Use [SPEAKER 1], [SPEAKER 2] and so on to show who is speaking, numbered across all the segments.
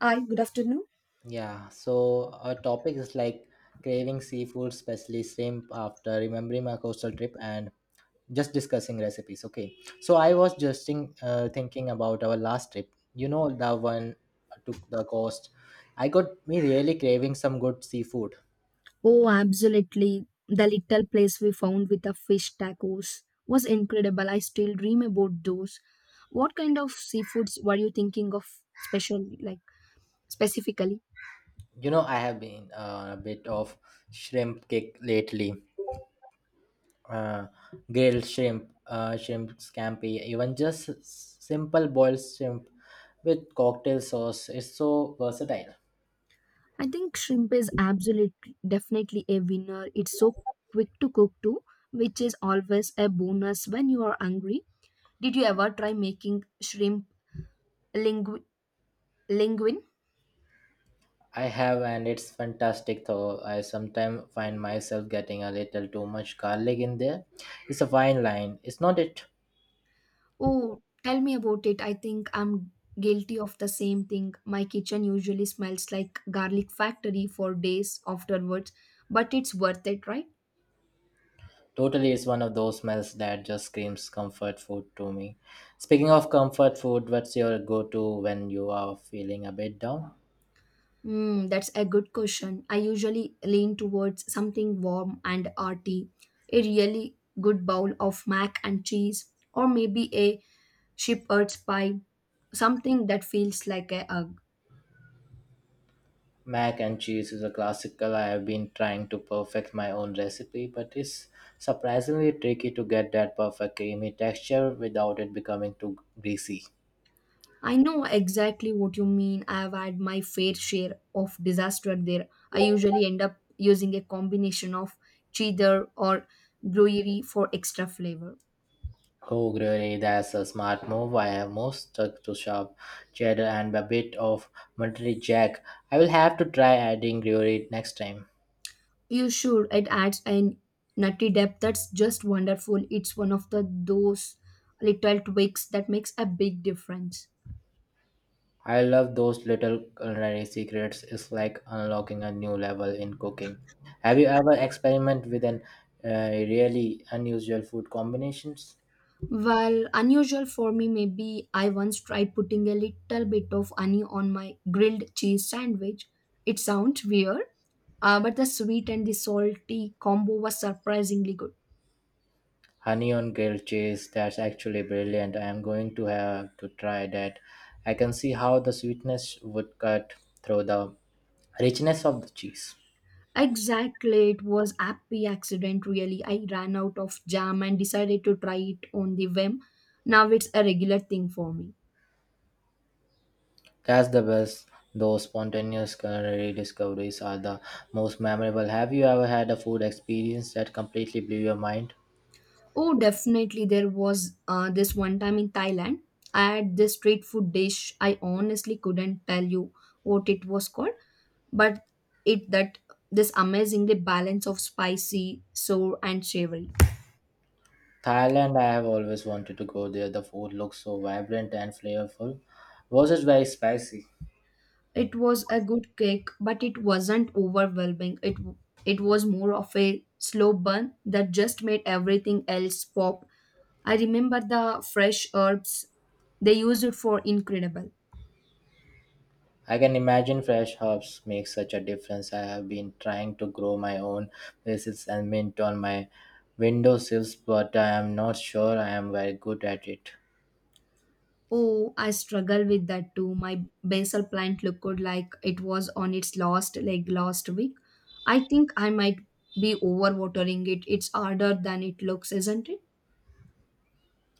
[SPEAKER 1] Hi, good afternoon.
[SPEAKER 2] Yeah, so our topic is like craving seafood, especially shrimp, after remembering my coastal trip and just discussing recipes. Okay, so I was just thinking about our last trip. You know, the one to the coast. I got me really craving some good seafood.
[SPEAKER 1] Oh, absolutely. The little place we found with the fish tacos was incredible. I still dream about those. What kind of seafoods were you thinking of specially, like specifically?
[SPEAKER 2] You know, I have been a bit of shrimp kick lately. Uh, grilled shrimp, shrimp scampi, even just simple boiled shrimp with cocktail sauce is so versatile.
[SPEAKER 1] I think shrimp is absolutely definitely a winner. It's so quick to cook too, which is always a bonus when you are hungry. Did you ever try making shrimp lingu- linguine?
[SPEAKER 2] I have, and it's fantastic though. I sometimes find myself getting a little too much garlic in there. It's a fine line. It's not it.
[SPEAKER 1] Oh, tell me about it. I think I'm guilty of the same thing. My kitchen usually smells like garlic factory for days afterwards, but it's worth it, right?
[SPEAKER 2] Totally, it's one of those smells that just screams comfort food to me. Speaking of comfort food, what's your go to when you are feeling a bit down?
[SPEAKER 1] Hmm, that's a good question. I usually lean towards something warm and hearty. A really good bowl of mac and cheese, or maybe a shepherd's pie, something that feels like a hug.
[SPEAKER 2] Mac and cheese is a classical. I have been trying to perfect my own recipe, but it's surprisingly tricky to get that perfect creamy texture without it becoming too greasy.
[SPEAKER 1] I know exactly what you mean. I have had my fair share of disaster there. I usually end up using a combination of cheddar or gruyere for extra flavor.
[SPEAKER 2] Oh, really, that's a smart move. I am most stuck to sharp cheddar and a bit of Monterey Jack. I will have to try adding gruyere next time.
[SPEAKER 1] You should. It adds a nutty depth that's just wonderful. It's one of the those little tweaks that makes a big difference.
[SPEAKER 2] I love those little culinary secrets. It's like unlocking a new level in cooking. Have you ever experimented with an really unusual food combinations?
[SPEAKER 1] Well, unusual for me, maybe I once tried putting a little bit of honey on my grilled cheese sandwich. It sounds weird, but the sweet and the salty combo was surprisingly good.
[SPEAKER 2] Honey on grilled cheese. That's actually brilliant. I am going to have to try that. I can see how the sweetness would cut through the richness of the cheese.
[SPEAKER 1] Exactly, it was happy accident really. I ran out of jam and decided to try it on the whim. Now it's a regular thing for me.
[SPEAKER 2] That's the best. Those spontaneous culinary discoveries are the most memorable. Have you ever had a food experience that completely blew your mind?
[SPEAKER 1] Oh, definitely there was this one time in Thailand. I had this street food dish. I honestly couldn't tell you what it was called, but it that this amazingly balance of spicy, sour, and savory.
[SPEAKER 2] Thailand, I have always wanted to go there. The food looks so vibrant and flavorful. Was it very spicy?
[SPEAKER 1] It was a good cake, but it wasn't overwhelming. It was more of a slow burn that just made everything else pop. I remember the fresh herbs they used for incredible.
[SPEAKER 2] I can imagine fresh herbs make such a difference. I have been trying to grow my own basil and mint on my windowsills, but I am not sure I am very good at it.
[SPEAKER 1] Oh, I struggle with that too. My basil plant looked like it was on its last leg last week. I think I might be overwatering it. It's harder than it looks, isn't it?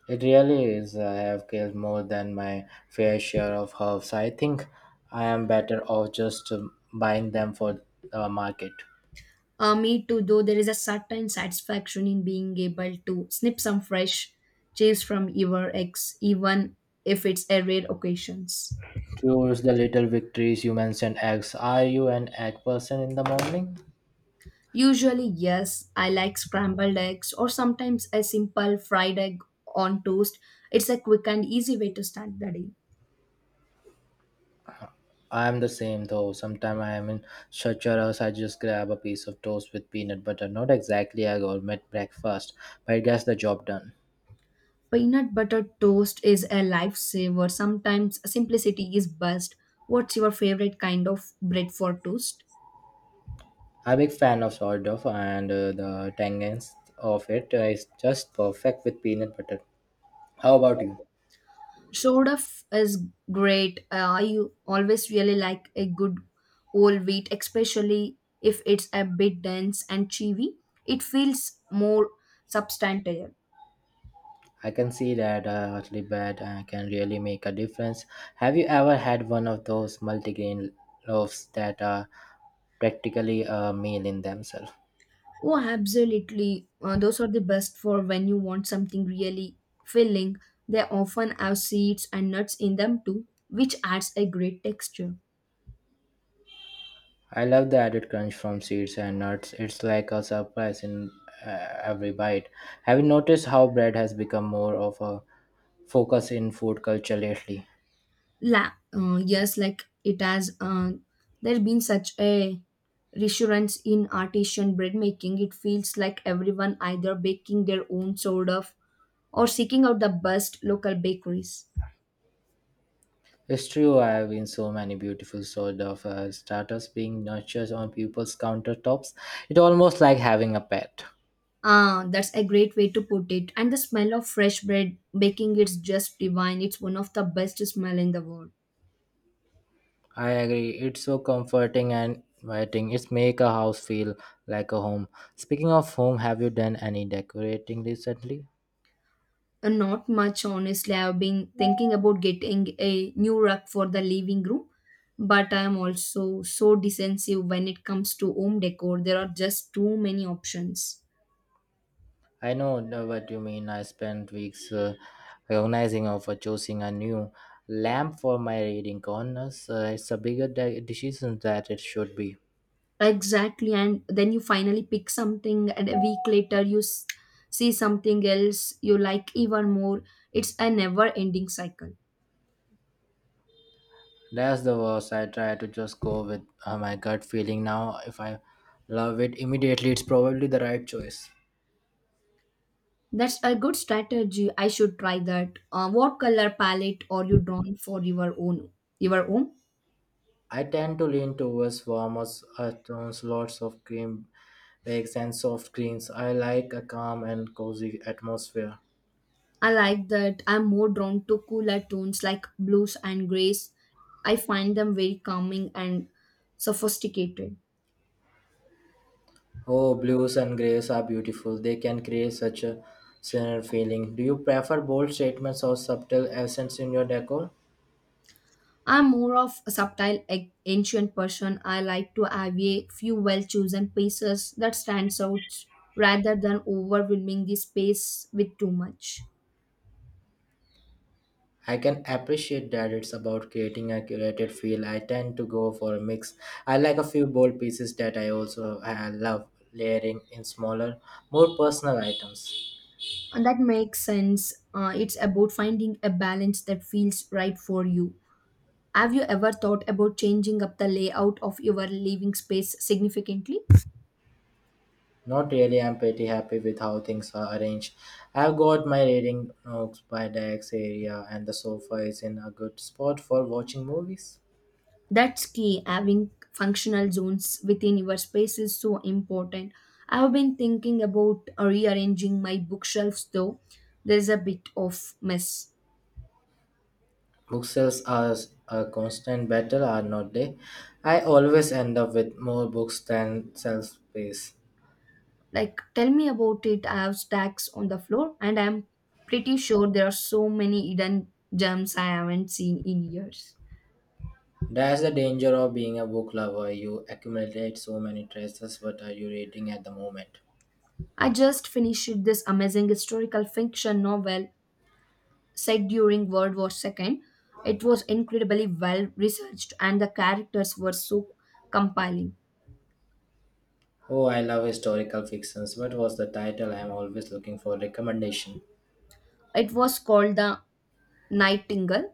[SPEAKER 2] It really is. I have killed more than my fair share of herbs. I think I am better off just buying them for the market.
[SPEAKER 1] Me too, though there is a certain satisfaction in being able to snip some fresh cheese from your eggs, even if it's a rare occasions.
[SPEAKER 2] Towards the little victories, you mentioned eggs. Are you an egg person in the morning?
[SPEAKER 1] Usually, yes, I like scrambled eggs or sometimes a simple fried egg on toast. It's a quick and easy way to start the day.
[SPEAKER 2] I am the same though. Sometimes I am in such a rush, I just grab a piece of toast with peanut butter. Not exactly a gourmet breakfast, but it gets the job done.
[SPEAKER 1] Peanut butter toast is a lifesaver. Sometimes simplicity is best. What's your favorite kind of bread for toast?
[SPEAKER 2] I'm a big fan of sourdough, and the tanginess of it is just perfect with peanut butter. How about you?
[SPEAKER 1] Is great. I always really like a good whole wheat, especially if it's a bit dense and chewy. It feels more substantial.
[SPEAKER 2] I can see that a hotly bad can really make a difference. Have you ever had one of those multigrain loaves that are practically a meal in themselves?
[SPEAKER 1] Oh, absolutely. Those are the best for when you want something really filling. They often have seeds and nuts in them too, which adds a great texture.
[SPEAKER 2] I love the added crunch from seeds and nuts. It's like a surprise in every bite. Have you noticed how bread has become more of a focus in food culture lately?
[SPEAKER 1] La, yes, like it has. There been such a resurgence in artisan bread making. It feels like everyone either baking their own sort of or seeking out the best local bakeries.
[SPEAKER 2] It's true, I have seen so many beautiful sort of starters being nurtured on people's countertops. It's almost like having a pet.
[SPEAKER 1] Ah, that's a great way to put it. And the smell of fresh bread baking it's just divine. It's one of the best smell in the world.
[SPEAKER 2] I agree. It's so comforting and inviting. It's make a house feel like a home. Speaking of home, have you done any decorating recently?
[SPEAKER 1] Not much, honestly. I've been thinking about getting a new rug for the living room, but I'm also so defensive when it comes to home decor. There are just too many options.
[SPEAKER 2] I know, what you mean. I spent weeks organizing or for choosing a new lamp for my reading corners. It's a bigger decision that it should be.
[SPEAKER 1] Exactly, and then you finally pick something, and a week later see something else you like even more. It's a never-ending cycle.
[SPEAKER 2] That's the worst. I try to just go with my gut feeling now. If I love it immediately, it's probably the right choice.
[SPEAKER 1] That's a good strategy. I should try that. What color palette are you drawn for your home?
[SPEAKER 2] I tend to lean towards warmers, lots of cream bakes and soft greens. I like a calm and cozy atmosphere.
[SPEAKER 1] I like that. I'm more drawn to cooler tones like blues and grays. I find them very calming and sophisticated.
[SPEAKER 2] Oh, blues and grays are beautiful. They can create such a serene feeling. Do you prefer bold statements or subtle accents in your decor?
[SPEAKER 1] I'm more of a ancient person. I like to have a few well-chosen pieces that stands out rather than overwhelming the space with too much.
[SPEAKER 2] I can appreciate that it's about creating a curated feel. I tend to go for a mix. I like a few bold pieces that I also love layering in smaller, more personal items.
[SPEAKER 1] And that makes sense. It's about finding a balance that feels right for you. Have you ever thought about changing up the layout of your living space significantly?
[SPEAKER 2] Not really, I'm pretty happy with how things are arranged. I've got my reading nooks by desk area, and the sofa is in a good spot for watching movies.
[SPEAKER 1] That's key. Having functional zones within your space is so important. I've been thinking about rearranging my bookshelves though. There's a bit of mess.
[SPEAKER 2] Bookshelves are a constant battle, are not they? I always end up with more books than self space.
[SPEAKER 1] Like, tell me about it. I have stacks on the floor, and I'm pretty sure there are so many hidden gems I haven't seen in years.
[SPEAKER 2] That's the danger of being a book lover. You accumulate so many treasures. What are you reading at the moment?
[SPEAKER 1] I just finished this amazing historical fiction novel set during World War II. It was incredibly well researched, and the characters were so compelling.
[SPEAKER 2] Oh, I love historical fictions. What was the title? I'm always looking for recommendation.
[SPEAKER 1] It was called the Nightingale.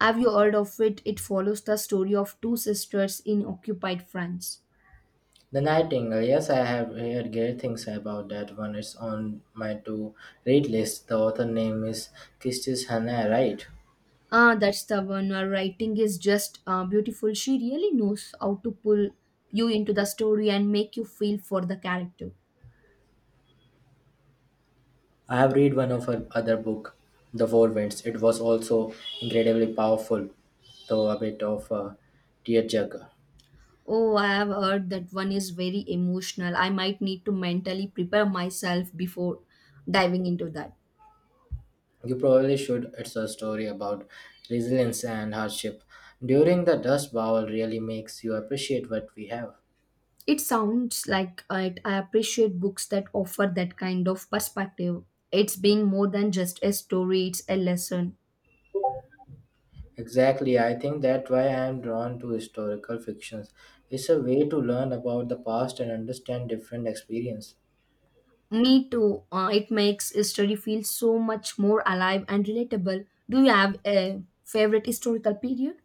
[SPEAKER 1] Have you heard of it? It follows the story of two sisters in occupied France.
[SPEAKER 2] The Nightingale, yes, I have heard great things about that one. It's on my to read list. The author name is Kistis Hannah, right?
[SPEAKER 1] Ah, that's the one. Her writing is just beautiful. She really knows how to pull you into the story and make you feel for the character.
[SPEAKER 2] I have read one of her other book, The Four Winds. It was also incredibly powerful, though a bit of a tearjerker.
[SPEAKER 1] Oh, I have heard that one is very emotional. I might need to mentally prepare myself before diving into that.
[SPEAKER 2] You probably should. It's a story about resilience and hardship. During the Dust Bowl really makes you appreciate what we have.
[SPEAKER 1] It sounds like it. I appreciate books that offer that kind of perspective. It's being more than just a story, it's a lesson.
[SPEAKER 2] Exactly, I think that's why I am drawn to historical fictions. It's a way to learn about the past and understand different experience.
[SPEAKER 1] Me too. It makes history feel so much more alive and relatable. Do you have a favorite historical period?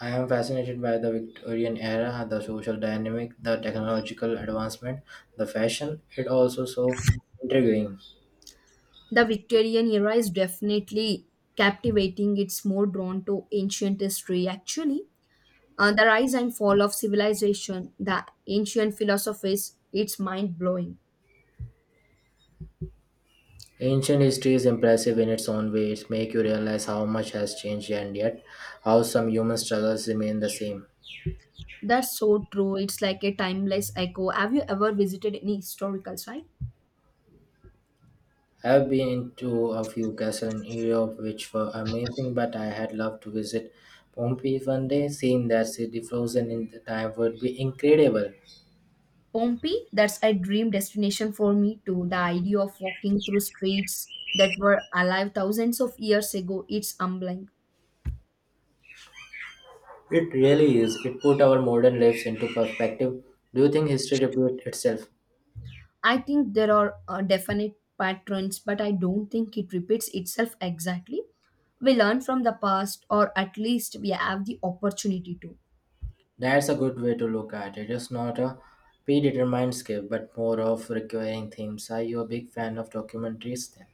[SPEAKER 2] I am fascinated by the Victorian era, the social dynamic, the technological advancement, the fashion. It also so intriguing.
[SPEAKER 1] The Victorian era is definitely captivating. It's more drawn to ancient history, actually. The rise and fall of civilization, the ancient philosophies, it's mind blowing.
[SPEAKER 2] Ancient history is impressive in its own way. It makes you realize how much has changed and yet how some human struggles remain the same.
[SPEAKER 1] That's so true. It's like a timeless echo. Have you ever visited any historical site?
[SPEAKER 2] I've been to a few castles in Europe which were amazing, but I had loved to visit Pompeii one day. Seeing that city frozen in the time would be incredible.
[SPEAKER 1] Pompeii, that's a dream destination for me too. The idea of walking through streets that were alive thousands of years ago, it's humbling.
[SPEAKER 2] It really is. It put our modern lives into perspective. Do you think history repeats itself?
[SPEAKER 1] I think there are definite patterns, but I don't think it repeats itself exactly. We learn from the past, or at least we have the opportunity to.
[SPEAKER 2] That's a good way to look at it. It's not a predetermined script, but more of recurring themes. Are you a big fan of documentaries then?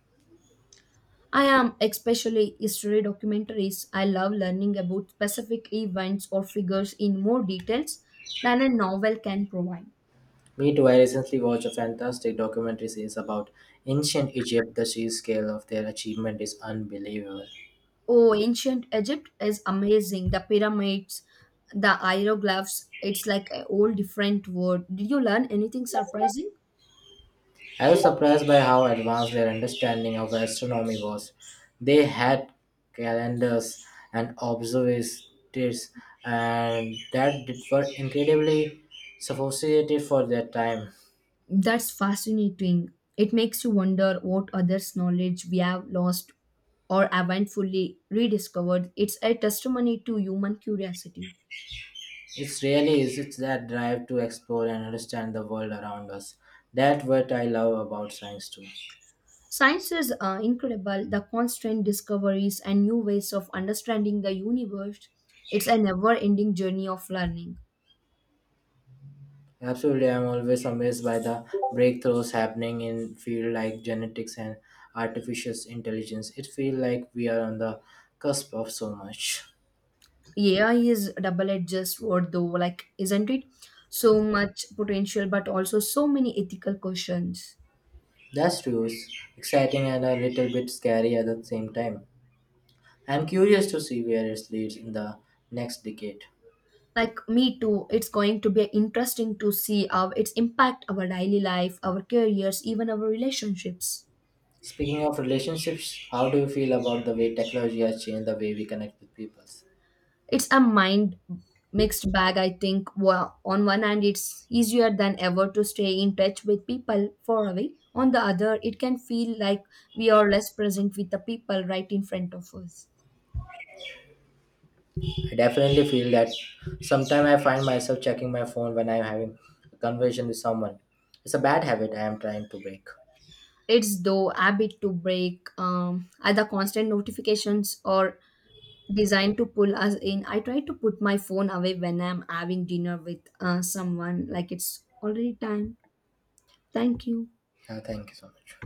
[SPEAKER 1] I am, especially history documentaries. I love learning about specific events or figures in more details than a novel can provide.
[SPEAKER 2] Me too. I recently watched a fantastic documentary series about ancient Egypt. The sheer scale of their achievement is unbelievable.
[SPEAKER 1] Oh, ancient Egypt is amazing. The pyramids, the hieroglyphs, it's like a whole different world. Did you learn anything surprising?
[SPEAKER 2] I was surprised by how advanced their understanding of astronomy was. They had calendars and observatories, and that were incredibly sophisticated for their time.
[SPEAKER 1] That's fascinating. It makes you wonder what others' knowledge we have lost or haven't fully rediscovered. It's a testimony to human curiosity.
[SPEAKER 2] It's really is it's that drive to explore and understand the world around us. That's what I love about science too.
[SPEAKER 1] Science is incredible, the constant discoveries and new ways of understanding the universe. It's a never ending journey of learning.
[SPEAKER 2] Absolutely, I'm always amazed by the breakthroughs happening in field like genetics and artificial intelligence. It feels like we are on the cusp of so much.
[SPEAKER 1] AI is double edged sword, though, like, isn't it? So much potential, but also so many ethical questions.
[SPEAKER 2] That's true. It's exciting and a little bit scary at the same time. I'm curious to see where it leads in the next decade.
[SPEAKER 1] Like, me too, it's going to be interesting to see how it's impact our daily life, our careers, even our relationships.
[SPEAKER 2] Speaking of relationships, how do you feel about the way technology has changed the way we connect with people?
[SPEAKER 1] It's a mind mixed bag, I think. On one hand, it's easier than ever to stay in touch with people far away. On the other, it can feel like we are less present with the people right in front of us.
[SPEAKER 2] I definitely feel that sometimes I find myself checking my phone when I'm having a conversation with someone. It's a bad habit I am trying to break.
[SPEAKER 1] It's though habit to break. Either constant notifications or designed to pull us in. I try to put my phone away when I'm having dinner with someone. Like, it's already time. Thank you.
[SPEAKER 2] Yeah, thank you so much.